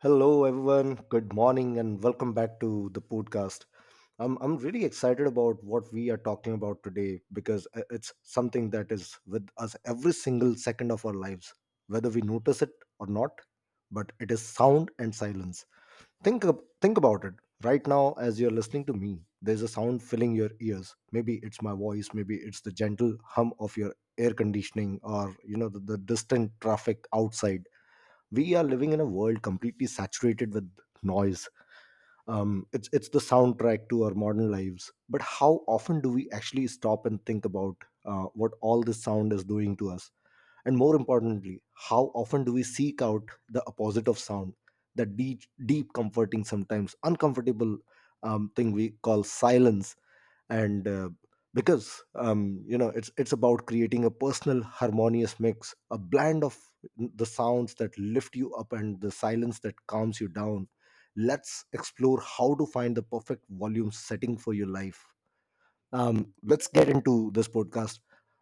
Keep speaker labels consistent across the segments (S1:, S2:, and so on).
S1: Hello, everyone. Good morning, and welcome back to the podcast. I'm really excited about what we are talking about today because it's something that is with us every single second of our lives, whether we notice it or not. But it is sound and silence. Think about it. Right now, as you're listening to me, there's a sound filling your ears. Maybe it's my voice. Maybe it's the gentle hum of your air conditioning, or you know the distant traffic outside. We are living in a world completely saturated with noise. It's the soundtrack to our modern lives, but how often do we actually stop and think about what all this sound is doing to us, and more importantly, how often do we seek out the opposite of sound, the deep, comforting, sometimes uncomfortable thing we call silence? And uh, because um, you know, it's about creating a personal, harmonious mix, a blend of the sounds that lift you up and the silence that calms you down. Let's explore how to find the perfect volume setting for your life. Let's get into this podcast.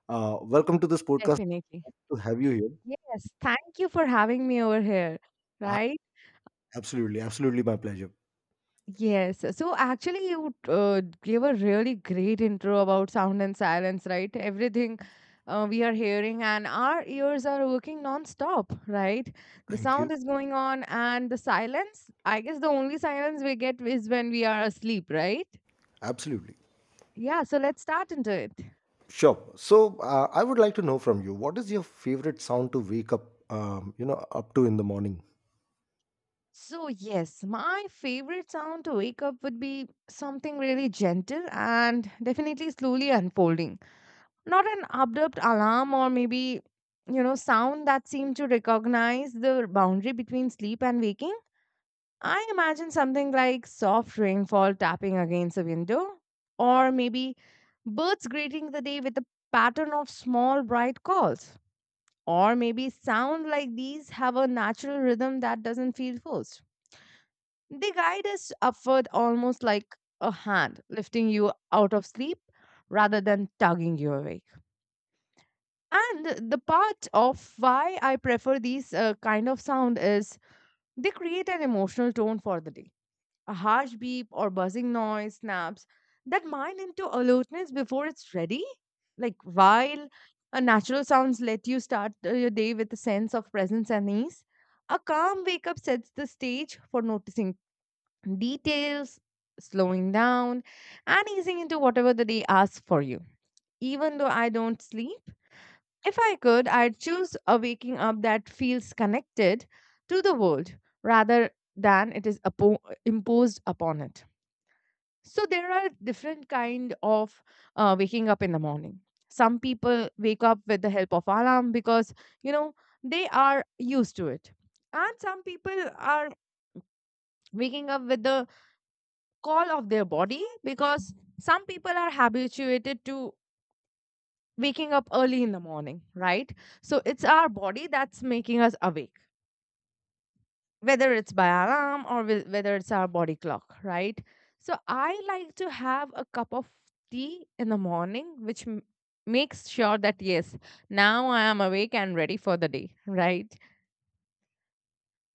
S1: Welcome to this podcast
S2: Definitely.
S1: to have you here.
S2: Yes. Thank you for having me over here.
S1: Uh,
S2: Right?
S1: Absolutely, absolutely, my pleasure.
S2: Yes. So actually, you gave a really great intro about sound and silence, right? Everything we are hearing, and our ears are working non-stop, right? The
S1: Thank
S2: sound
S1: you.
S2: is going on, and the silence, I guess the only silence we get is when we are asleep, right?
S1: Absolutely.
S2: Yeah. So let's start into it.
S1: Sure. So, I would like to know from you, what is your favorite sound to wake up, you know, up to in the morning?
S2: So, yes, my favorite sound to wake up would be something really gentle and definitely slowly unfolding. Not an abrupt alarm or maybe, you know, sound that seemed to recognize the boundary between sleep and waking. I imagine something like soft rainfall tapping against a window, or maybe birds greeting the day with a pattern of small bright calls, or maybe sound like these have a natural rhythm that doesn't feel forced. The guide is offered almost like a hand, lifting you out of sleep rather than tugging you awake. And the part of why I prefer these kind of sound is they create an emotional tone for the day. A harsh beep or buzzing noise snaps that mind into alertness before it's ready. Like while a natural sounds let you start your day with a sense of presence and ease, a calm wake up sets the stage for noticing details, slowing down, and easing into whatever the day asks for you. Even though I don't sleep, if I could, I'd choose a waking up that feels connected to the world rather than it is imposed upon it. So there are different kind of waking up in the morning. Some people wake up with the help of alarm because you know they are used to it, and some people are waking up with the call of their body because some people are habituated to waking up early in the morning, right? So it's our body that's making us awake, whether it's by alarm or whether it's our body clock, right? So I like to have a cup of tea in the morning, which makes sure that yes, now I am awake and ready for the day, right?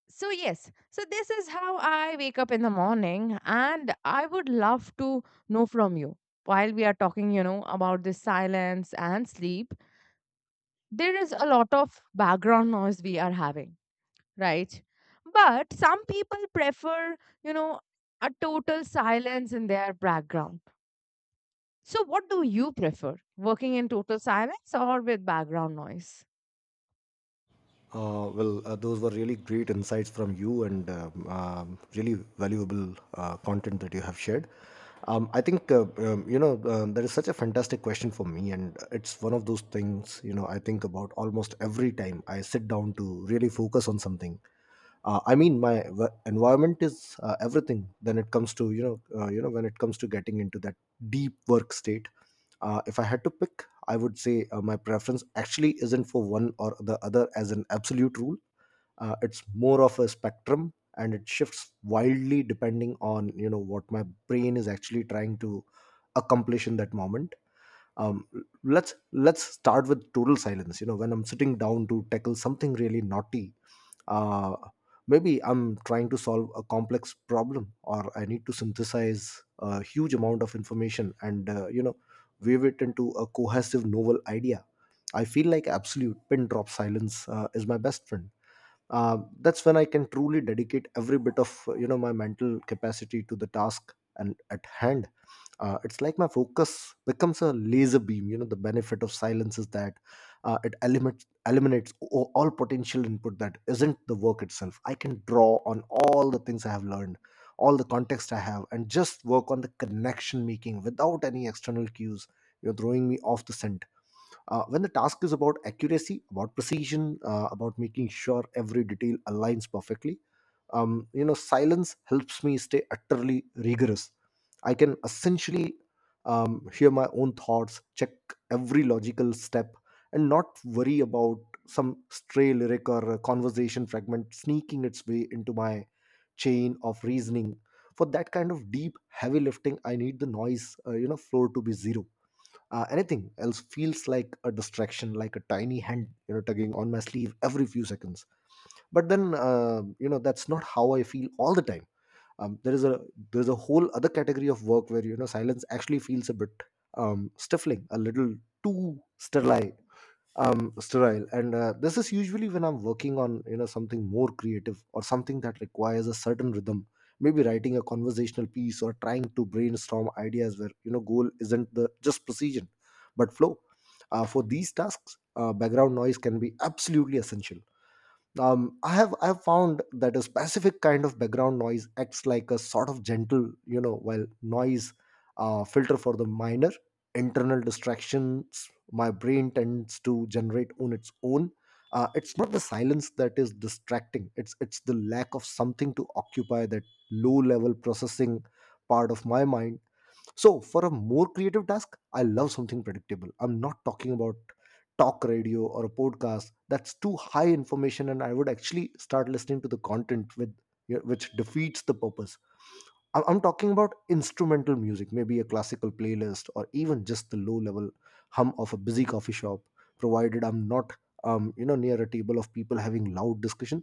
S2: So, yes, so this is how I wake up in the morning, and I would love to know from you while we are talking, you know, about this silence and sleep. There is a lot of background noise we are having, right? But some people prefer, you know, a total silence in their background. So, what do you prefer, working in total silence or with background noise?
S1: Those were really great insights from you, and really valuable content that you have shared. I think, you know, that is such a fantastic question for me. And it's one of those things, you know, I think about almost every time I sit down to really focus on something. I mean, my environment is everything. Then it comes to, you know, when it comes to getting into that deep work state. If I had to pick, I would say my preference actually isn't for one or the other as an absolute rule. It's more of a spectrum, and it shifts wildly depending on, you know, what my brain is actually trying to accomplish in that moment. Um, let's let's start with total silence. You know, when I'm sitting down to tackle something really naughty, uh, maybe I'm trying to solve a complex problem, or I need to synthesize a huge amount of information and, you know, weave it into a cohesive, novel idea, I feel like absolute pin drop silence is my best friend. Uh, that's when I can truly dedicate every bit of, you know, my mental capacity to the task and at hand. Uh, it's like my focus becomes a laser beam. You know, the benefit of silence is that it eliminates all potential input that isn't the work itself. I can draw on all the things I have learned, all the context I have, and just work on the connection making without any external cues, you know, throwing me off the scent. Uh, when the task is about accuracy, about precision, about making sure every detail aligns perfectly, you know, silence helps me stay utterly rigorous. I can essentially, hear my own thoughts, check every logical step, and not worry about some stray lyric or a conversation fragment sneaking its way into my chain of reasoning. For that kind of deep heavy lifting, I need the noise, you know, floor to be zero. Uh, anything else feels like a distraction, like a tiny hand, you know, tugging on my sleeve every few seconds. But then, you know, that's not how I feel all the time. Um, there is a there's a whole other category of work where, you know, silence actually feels a bit stifling, a little too sterile. Sterile and This is usually when I'm working on, you know, something more creative or something that requires a certain rhythm. Maybe writing a conversational piece or trying to brainstorm ideas where, you know, goal isn't the just precision, but flow. Uh, for these tasks, background noise can be absolutely essential. I have found that a specific kind of background noise acts like a sort of gentle, you know, well, noise filter for the minor internal distractions my brain tends to generate on its own. It's not the silence that is distracting; it's the lack of something to occupy that low level processing part of my mind. So, for a more creative task, I love something predictable. I'm not talking about talk radio or a podcast. That's too high information, and I would actually start listening to the content with, which defeats the purpose. I'm talking about instrumental music, maybe a classical playlist, or even just the low-level hum of a busy coffee shop, provided I'm not, you know, near a table of people having loud discussion.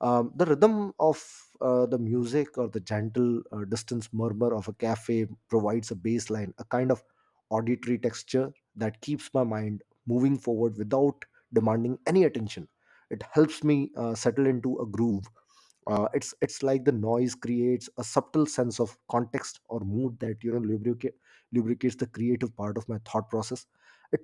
S1: The rhythm of, the music or the gentle distance murmur of a cafe provides a baseline, a kind of auditory texture that keeps my mind moving forward without demanding any attention. It helps me settle into a groove. It's like the noise creates a subtle sense of context or mood that, you know, lubricates the creative part of my thought process. It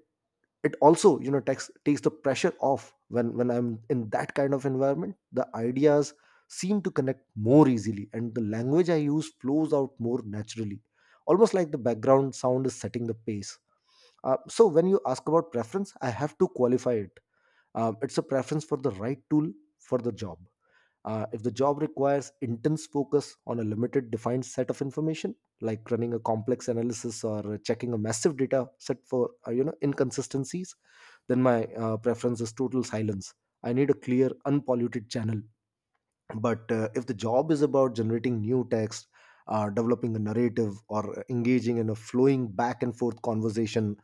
S1: it also, you know, takes the pressure off. When I'm in that kind of environment, the ideas seem to connect more easily, and the language I use flows out more naturally, almost like the background sound is setting the pace. So when you ask about preference, I have to qualify it. It's a preference for the right tool for the job. If the job requires intense focus on a limited, defined set of information, like running a complex analysis or checking a massive data set for, you know, inconsistencies, then my preference is total silence. I need a clear, unpolluted channel. But, if the job is about generating new text, developing a narrative, or engaging in a flowing back and forth conversation,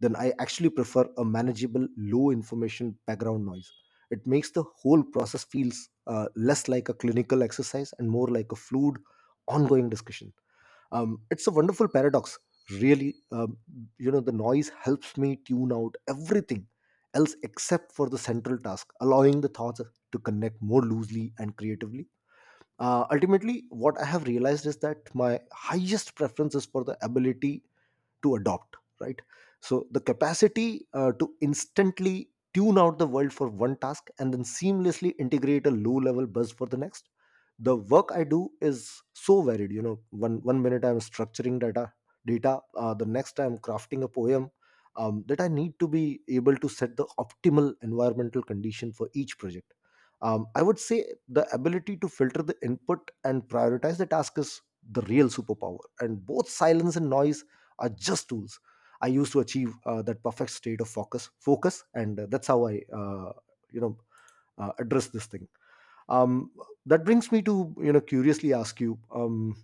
S1: then I actually prefer a manageable, low information background noise. It makes the whole process feels less like a clinical exercise and more like a fluid, ongoing discussion. It's a wonderful paradox, really. You know, the noise helps me tune out everything else except for the central task, allowing the thoughts to connect more loosely and creatively. Uh, ultimately, what I have realized is that my highest preference is for the ability to adopt, right? So the capacity, to instantly tune out the world for one task and then seamlessly integrate a low level buzz for the next. The work I do is so varied. You know, one minute I'm structuring data, the next I'm crafting a poem. That I need to be able to set the optimal environmental condition for each project. I would say the ability to filter the input and prioritize the task is the real superpower, and both silence and noise are just tools I use to achieve, that perfect state of focus. Focus, and That's how I, you know, address this thing. Um, that brings me to, you know, curiously ask you, um,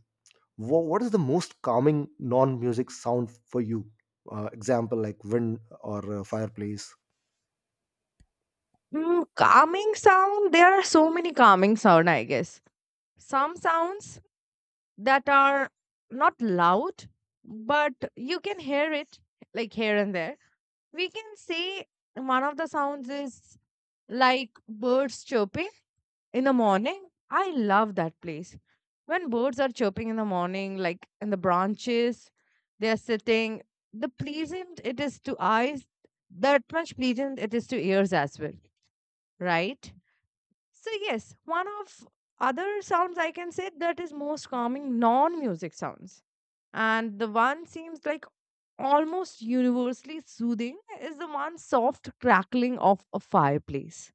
S1: wha what is the most calming non-music sound for you? Example, like wind or fireplace.
S2: Mm, calming sound. There are so many calming sound, I guess. Some sounds that are not loud, but you can hear it like here and there. We can say one of the sounds is like birds chirping in the morning. I love that place. When birds are chirping in the morning, like in the branches, they are sitting. The pleasant it is to eyes, that much pleasant it is to ears as well, right? So, yes, one of other sounds I can say that is most calming non music sounds and the one seems like almost universally soothing is the one soft crackling of a fireplace.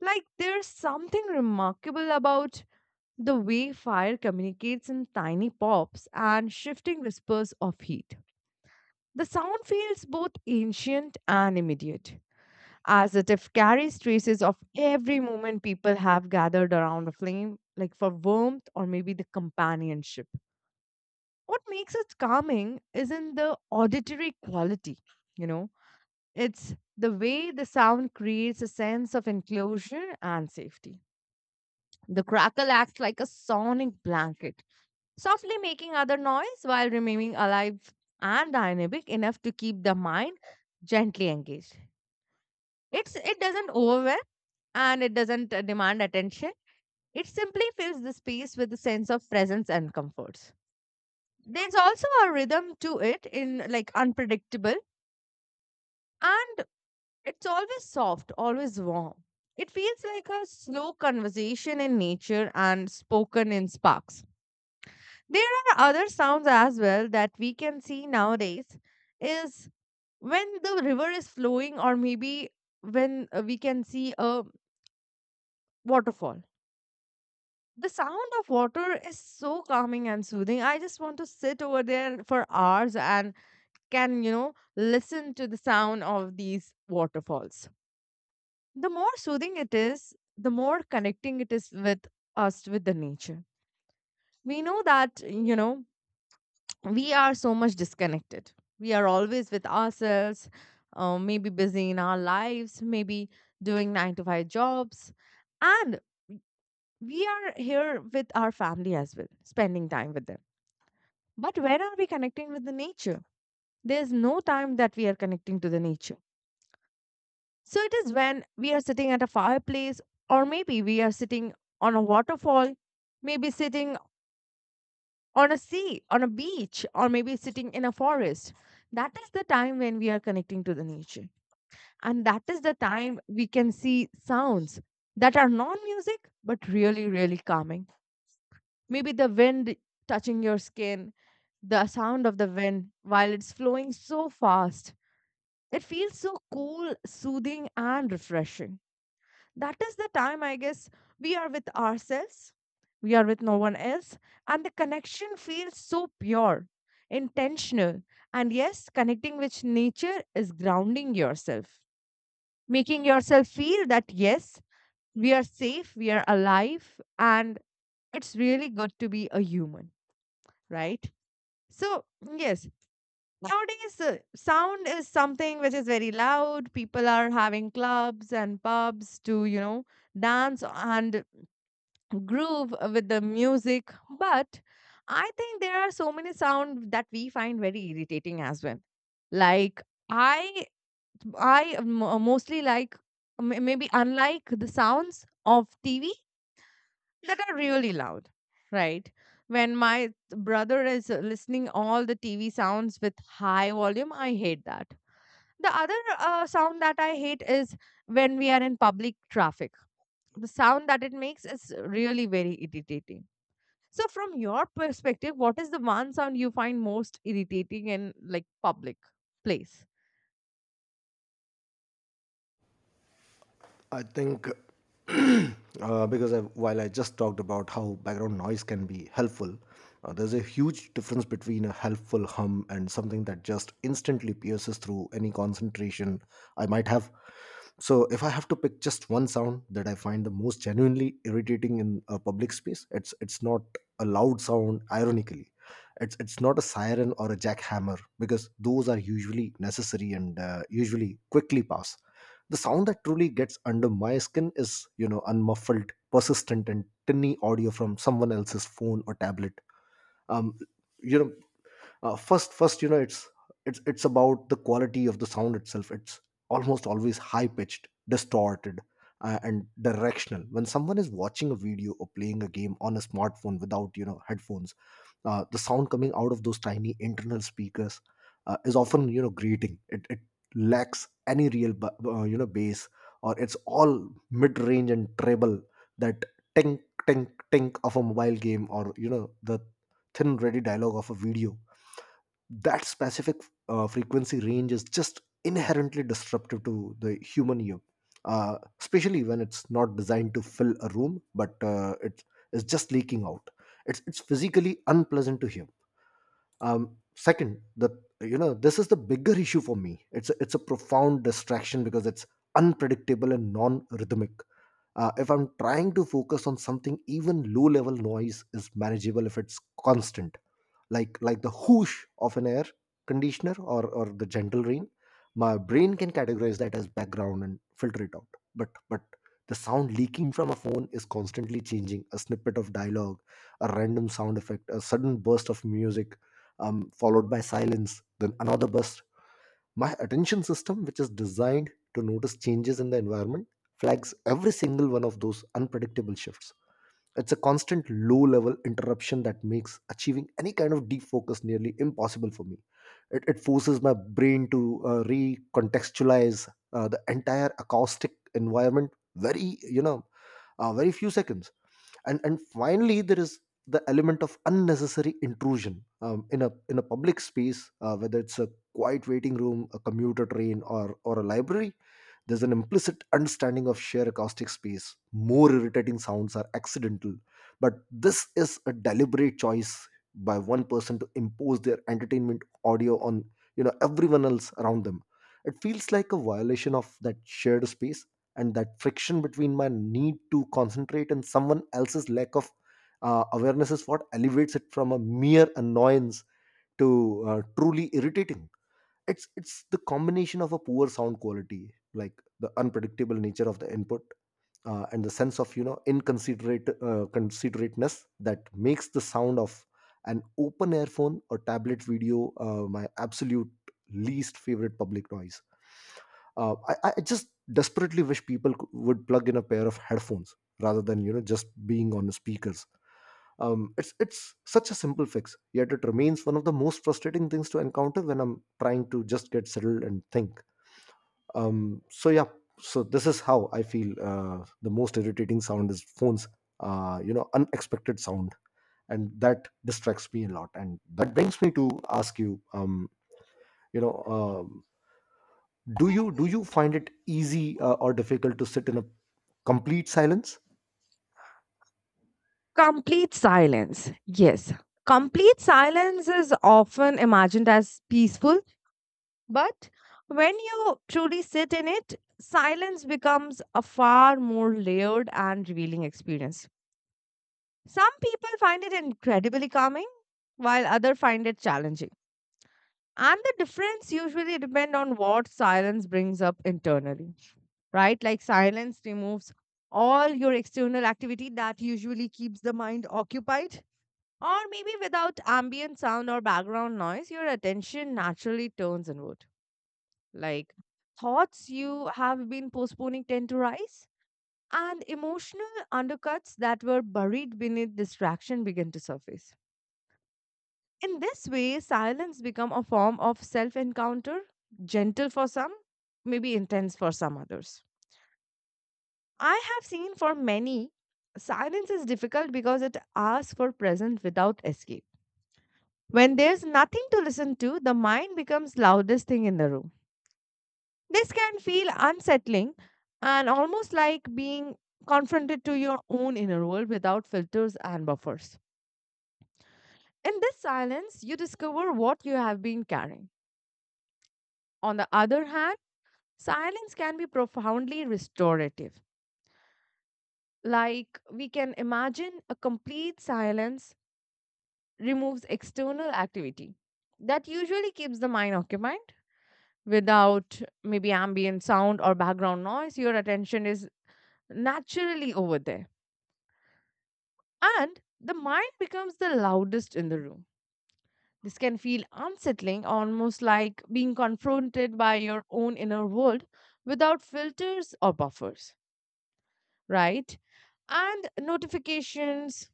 S2: Like there's something remarkable about the way fire communicates in tiny pops and shifting whispers of heat. The sound feels both ancient and immediate, as it if carries traces of every moment people have gathered around a flame, like for warmth or maybe the companionship. What makes it calming isn't the auditory quality, you know, it's the way the sound creates a sense of enclosure and safety. The crackle acts like a sonic blanket, softly making other noise while remaining alive and dynamic enough to keep the mind gently engaged. It doesn't overwhelm and it doesn't demand attention. It simply fills the space with a sense of presence and comforts. There's also a rhythm to it in like unpredictable. And it's always soft, always warm. It feels like a slow conversation in nature and spoken in sparks. There are other sounds as well that we can see nowadays is when the river is flowing or maybe when we can see a waterfall. The sound of water is so calming and soothing. I just want to sit over there for hours and can, you know, listen to the sound of these waterfalls. The more soothing it is, the more connecting it is with us, with the nature. We know that, you know, we are so much disconnected. We are always with ourselves, maybe busy in our lives, maybe doing nine to five jobs. And we are here with our family as well, spending time with them. But where are we connecting with the nature? There's no time that we are connecting to the nature. So it is when we are sitting at a fireplace, or maybe we are sitting on a waterfall, maybe sitting on a sea, on a beach, or maybe sitting in a forest. That is the time when we are connecting to the nature. And that is the time we can see sounds that are non music, but really, really calming. Maybe the wind touching your skin, the sound of the wind while it's flowing so fast. It feels so cool, soothing, and refreshing. That is the time, I guess, we are with ourselves, we are with no one else, and the connection feels so pure, intentional, and yes, connecting with nature is grounding yourself, making yourself feel that yes, we are safe, we are alive, and it's really good to be a human, right? So, yes, nowadays sound is something which is very loud. People are having clubs and pubs to you know dance and groove with the music. But I think there are so many sounds that we find very irritating as well. Like I, mostly like maybe unlike the sounds of TV that are really loud, right? When my brother is listening all the TV sounds with high volume, I hate that. The other sound that I hate is when we are in public traffic. The sound that it makes is really very irritating. So, from your perspective, what is the one sound you find most irritating in like public place?
S1: I think because I, while I just talked about how background noise can be helpful, there's a huge difference between a helpful hum and something that just instantly pierces through any concentration I might have. So, if I have to pick just one sound that I find the most genuinely irritating in a public space, it's not a loud sound. Ironically, it's not a siren or a jackhammer, because those are usually necessary and usually quickly pass. The sound that truly gets under my skin is, you know, unmuffled, persistent, and tinny audio from someone else's phone or tablet. Um, you know, first, you know, it's about the quality of the sound itself. It's almost always high pitched, distorted, and directional. When someone is watching a video or playing a game on a smartphone without, you know, headphones, the sound coming out of those tiny internal speakers is often, you know, grating. It lacks any real you know, bass, or it's all mid-range and treble. That tink, tink of a mobile game, or, you know, the thin ready dialogue of a video, that specific frequency range is just inherently disruptive to the human ear, especially when it's not designed to fill a room, but it is just leaking out. It's physically unpleasant to hear. Second, the you know this is the bigger issue for me. It's a profound distraction because it's unpredictable and non-rhythmic. If I'm trying to focus on something, even low-level noise is manageable if it's constant like the whoosh of an air conditioner or the gentle rain. My brain can categorize that as background and filter it out, but the sound leaking from a phone is constantly changing: a snippet of dialogue, a random sound effect, a sudden burst of music, followed by silence, then another burst. My attention system, which is designed to notice changes in the environment, flags every single one of those unpredictable shifts. It's a constant low level interruption that makes achieving any kind of deep focus nearly impossible for me. It forces my brain to recontextualize the entire acoustic environment very, you know, very few seconds. And finally, there is the element of unnecessary intrusion in a public space. Whether it's a quiet waiting room, a commuter train, or a library, there's an implicit understanding of shared acoustic space. More irritating sounds are accidental, but this is a deliberate choice by one person to impose their entertainment audio on everyone else around them. It feels like a violation of that shared space, and that friction between my need to concentrate and someone else's lack of awareness is what elevates it from a mere annoyance to truly irritating. It's the combination of a poor sound quality, like the unpredictable nature of the input, and the sense of inconsiderate considerateness that makes the sound of an open earphone or tablet video my absolute least favorite public noise. I just desperately wish people would plug in a pair of headphones rather than just being on speakers. It's such a simple fix, yet it remains one of the most frustrating things to encounter when I'm trying to just get settled and think. Um, so yeah, so this is how I feel. The most irritating sound is phones. Unexpected sound, and that distracts me a lot. And that brings me to ask you. You know, um, do you find it easy or difficult to sit in a complete silence?
S2: Complete silence. Yes. Complete silence is often imagined as peaceful, but when you truly sit in it, silence becomes a far more layered and revealing experience. Some people find it incredibly calming, while others find it challenging. And the difference usually depend on what silence brings up internally, right? Like silence removes all your external activity that usually keeps the mind occupied. Or maybe without ambient sound or background noise, your attention naturally turns inward. Like thoughts you have been postponing tend to rise, and emotional undercuts that were buried beneath distraction begin to surface. In this way, silence become a form of self encounter, gentle for some, maybe intense for some others. I have seen for many, silence is difficult because it asks for presence without escape. When there's nothing to listen to, the mind becomes loudest thing in the room. This can feel unsettling and almost like being confronted to your own inner world without filters and buffers. In this silence, you discover what you have been carrying. On the other hand, silence can be profoundly restorative. Like we can imagine a complete silence removes external activity that usually keeps the mind occupied without maybe ambient sound or background noise. Your attention is naturally over there and the mind becomes the loudest in the room. This can feel unsettling almost like being confronted by your own inner world without filters or buffers, right? And notifications,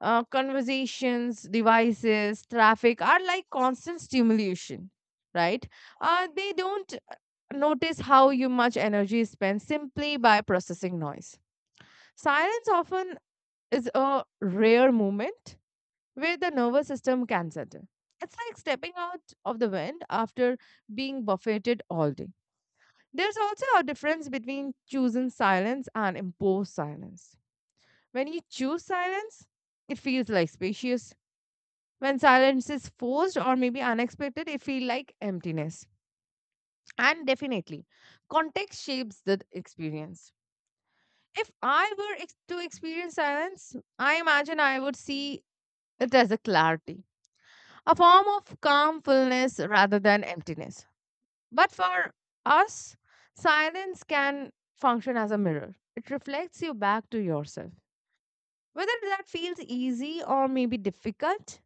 S2: conversations, devices, traffic are like constant stimulation, right? They don't notice how you much energy is spent simply by processing noise. Silence often is a rare moment where the nervous system can settle. It's like stepping out of the wind after being buffeted all day. There's also a difference between choosing silence and imposed silence. When you choose silence, it feels like spacious when silence is forced or maybe unexpected, it feels like emptiness. And definitely, context shapes the experience. If I were to experience silence, I imagine I would see it as a clarity, a form of calm fullness rather than emptiness. But for us, silence can function as a mirror. It reflects you back to yourself. Whether that feels easy or maybe difficult,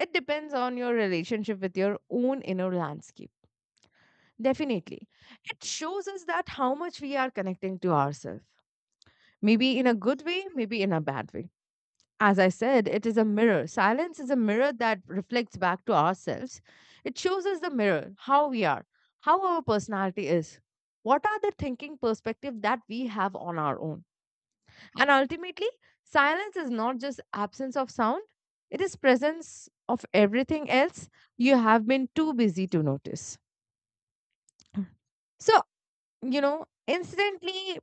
S2: it depends on your relationship with your own inner landscape. Definitely. It shows us that how much we are connecting to ourselves, maybe in a good way, maybe in a bad way. As I said, it is a mirror. Silence is a mirror that reflects back to ourselves. It shows us the mirror, how we are, how our personality is, what are the thinking perspective that we have on our own. And ultimately, silence is not just absence of sound, it is presence of everything else you have been too busy to notice. So, incidentally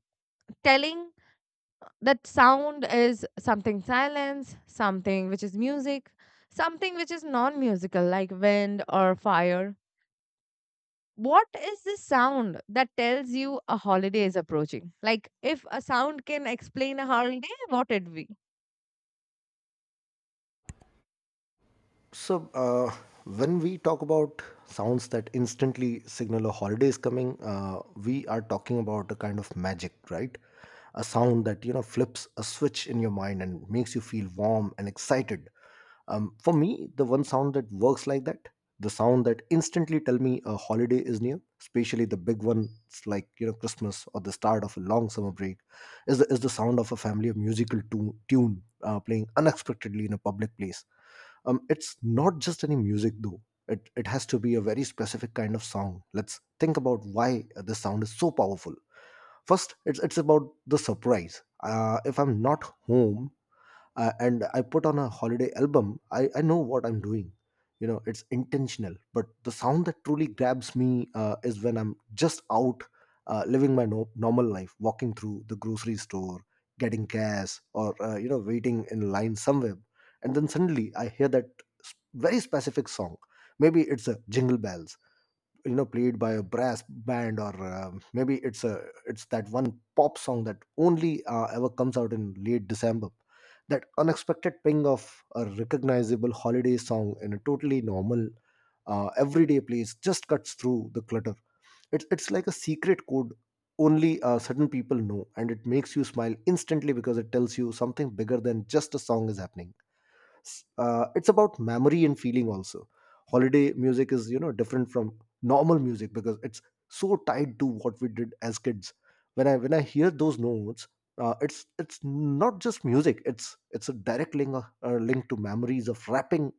S2: telling that sound is something silence, something which is music, something which is non musical, like wind or fire. What is this sound that tells you a holiday is approaching? Like, if a sound can explain a holiday, what it be?
S1: So, when we talk about sounds that instantly signal a holiday is coming, we are talking about a kind of magic, right? A sound that flips a switch in your mind and makes you feel warm and excited. For me, the one sound that works like that, the sound that instantly tell me a holiday is near, especially the big ones like Christmas or the start of a long summer break, is the sound of a family of musical tune playing unexpectedly in a public place. It's not just any music though. It has to be a very specific kind of sound. Let's think about why this sound is so powerful. First, it's about the surprise. If I'm not home and I put on a holiday album, I know what I'm doing. You know, it's intentional. But the sound that truly grabs me is when I'm just out living my normal life, walking through the grocery store, getting gas, or, waiting in line somewhere. And then suddenly I hear that very specific song. Maybe it's a Jingle Bells played by a brass band, or maybe it's a, it's that one pop song that only ever comes out in late December. That unexpected ping of a recognizable holiday song in a totally normal everyday place just cuts through the clutter. It's like a secret code only certain people know, and it makes you smile instantly because it tells you something bigger than just a song is happening. It's about memory and feeling also. Holiday music is different from normal music because it's so tied to what we did as kids. When I hear those notes, it's not just music, it's a direct link, link to memories of wrapping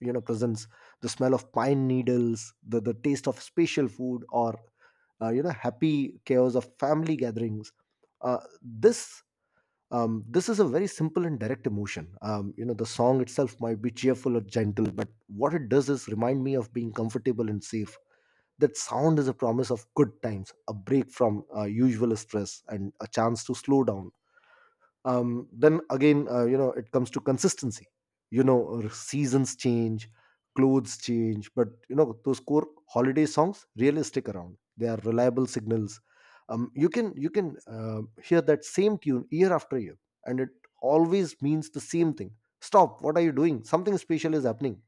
S1: presents, the smell of pine needles, the taste of special food, or happy chaos of family gatherings. uh, this this is a very simple and direct emotion. The song itself might be cheerful or gentle, but what it does is remind me of being comfortable and safe. That sound is a promise of good times, a break from usual stress, and a chance to slow down. Then again, it comes to consistency. Seasons change, clothes change, but those core holiday songs really stick around. They are reliable signals. You can hear that same tune year after year, and it always means the same thing. Stop, what are you doing? Something special is happening.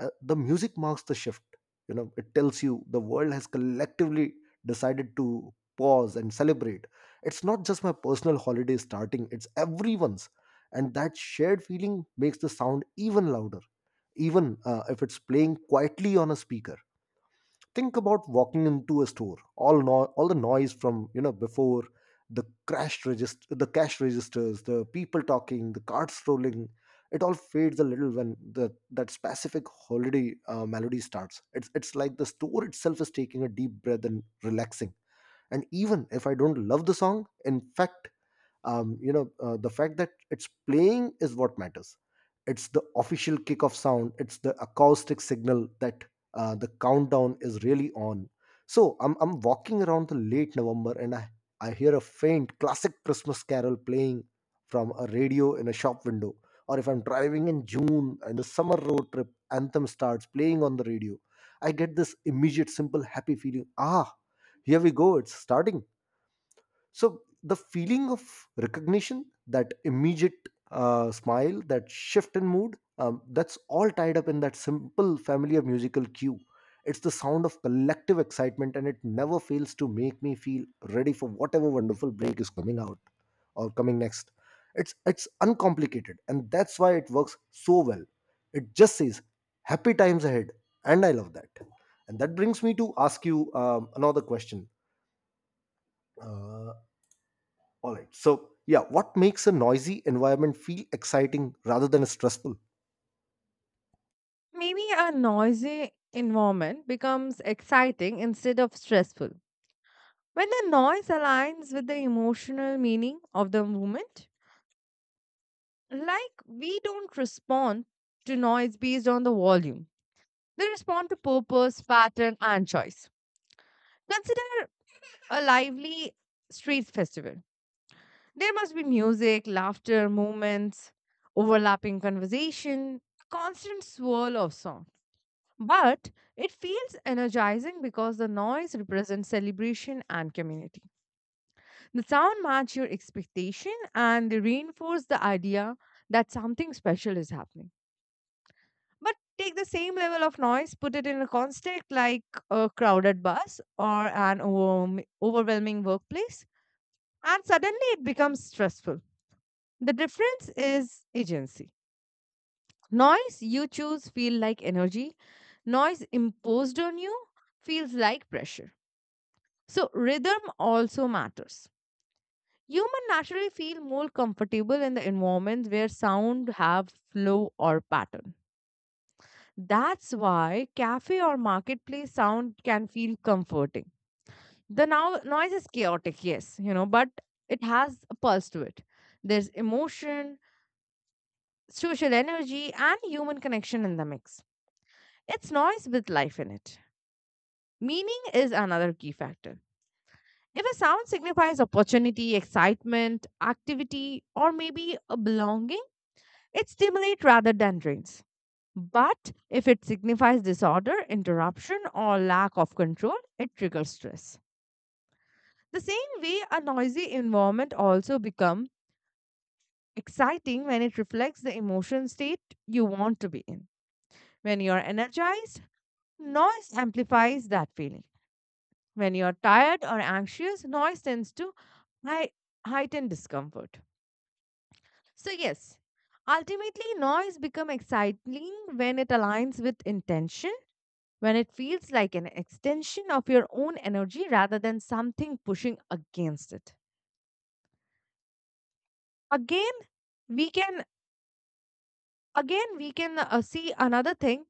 S1: The music marks the shift. It tells you the world has collectively decided to pause and celebrate. It's not just my personal holiday starting, it's everyone's. And that shared feeling makes the sound even louder, even if it's playing quietly on a speaker. Think about walking into a store. All no- All the noise from before, the cash registers, the people talking, the carts rolling, it all fades a little when the that specific holiday melody starts. It's like the store itself is taking a deep breath and relaxing. And even if I don't love the song, in fact, the fact that it's playing is what matters. It's the official kick of sound. It's the acoustic signal that the countdown is really on. So I'm walking around the late November, and I hear a faint classic Christmas carol playing from a radio in a shop window. Or if I'm driving in June and the summer road trip anthem starts playing on the radio, I get this immediate simple happy feeling. Ah, here we go, it's starting. So the feeling of recognition, that immediate smile, that shift in mood, that's all tied up in that simple, familiar musical cue. It's the sound of collective excitement, and it never fails to make me feel ready for whatever wonderful break is coming out, or coming next. It's uncomplicated, and that's why it works so well. It just says happy times ahead, and I love that. And that brings me to ask you another question. Uh, all right. So, yeah, what makes a noisy environment feel exciting rather than stressful?
S2: Maybe a noisy environment becomes exciting instead of stressful. When the noise aligns with the emotional meaning of the moment, like we don't respond to noise based on the volume. They respond to purpose, pattern, and choice. Consider a lively street festival. There must be music, laughter, movements, overlapping conversation, a constant swirl of song. But it feels energizing because the noise represents celebration and community. The sound match your expectation and they reinforce the idea that something special is happening. But take the same level of noise, put it in a context like a crowded bus or an overwhelming workplace, and suddenly it becomes stressful. The difference is agency. Noise you choose feel like energy, noise imposed on you feels like pressure. So rhythm also matters. Human naturally feel more comfortable in the environments where sound have flow or pattern. That's why cafe or marketplace sound can feel comforting. The now noise is chaotic, yes, you know, but it has a pulse to it. There's emotion, social energy, and human connection in the mix. It's noise with life in it. Meaning is another key factor. If a sound signifies opportunity, excitement, activity, or maybe a belonging, it stimulates rather than drains. But if it signifies disorder, interruption, or lack of control, it triggers stress. The same way, a noisy environment also becomes exciting when it reflects the emotion state you want to be in. When you're energized, noise amplifies that feeling. When you're tired or anxious, noise tends to hei- heighten discomfort. So, yes, ultimately, noise becomes exciting when it aligns with intention, when it feels like an extension of your own energy rather than something pushing against it. Again, we can again we can see another thing,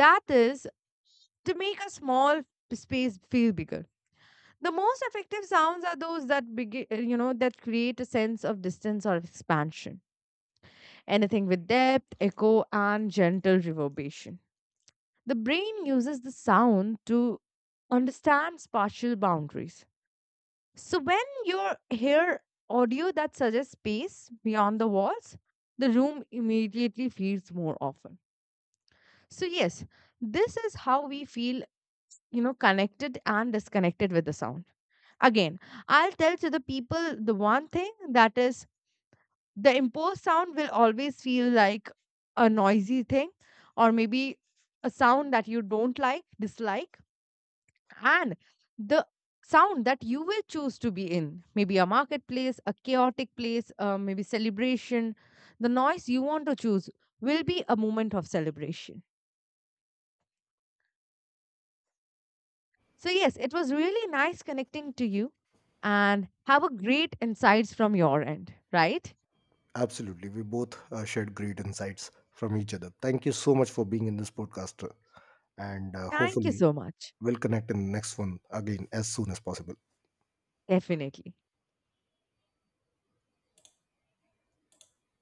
S2: that is, to make a small space feel bigger. The most effective sounds are those that begin, that create a sense of distance or expansion. Anything with depth, echo, and gentle reverberation. The brain uses the sound to understand spatial boundaries. So when you hear audio that suggests space beyond the walls, the room immediately feels more often. So yes, this is how we feel, you know, connected and disconnected with the sound. Again, I'll tell to the people the one thing, that is, the imposed sound will always feel like a noisy thing, or maybe a sound that you don't like, dislike, and the sound that you will choose to be in, maybe a marketplace, a chaotic place, maybe celebration, the noise you want to choose will be a moment of celebration. So yes, it was really nice connecting to you and have a great insights from your end, right?
S1: Absolutely. We both shared great insights from each other. Thank you so much for being in this podcast. And
S2: Thank you
S1: hopefully,
S2: so much.
S1: we'll connect in the next one again as soon as possible.
S2: Definitely.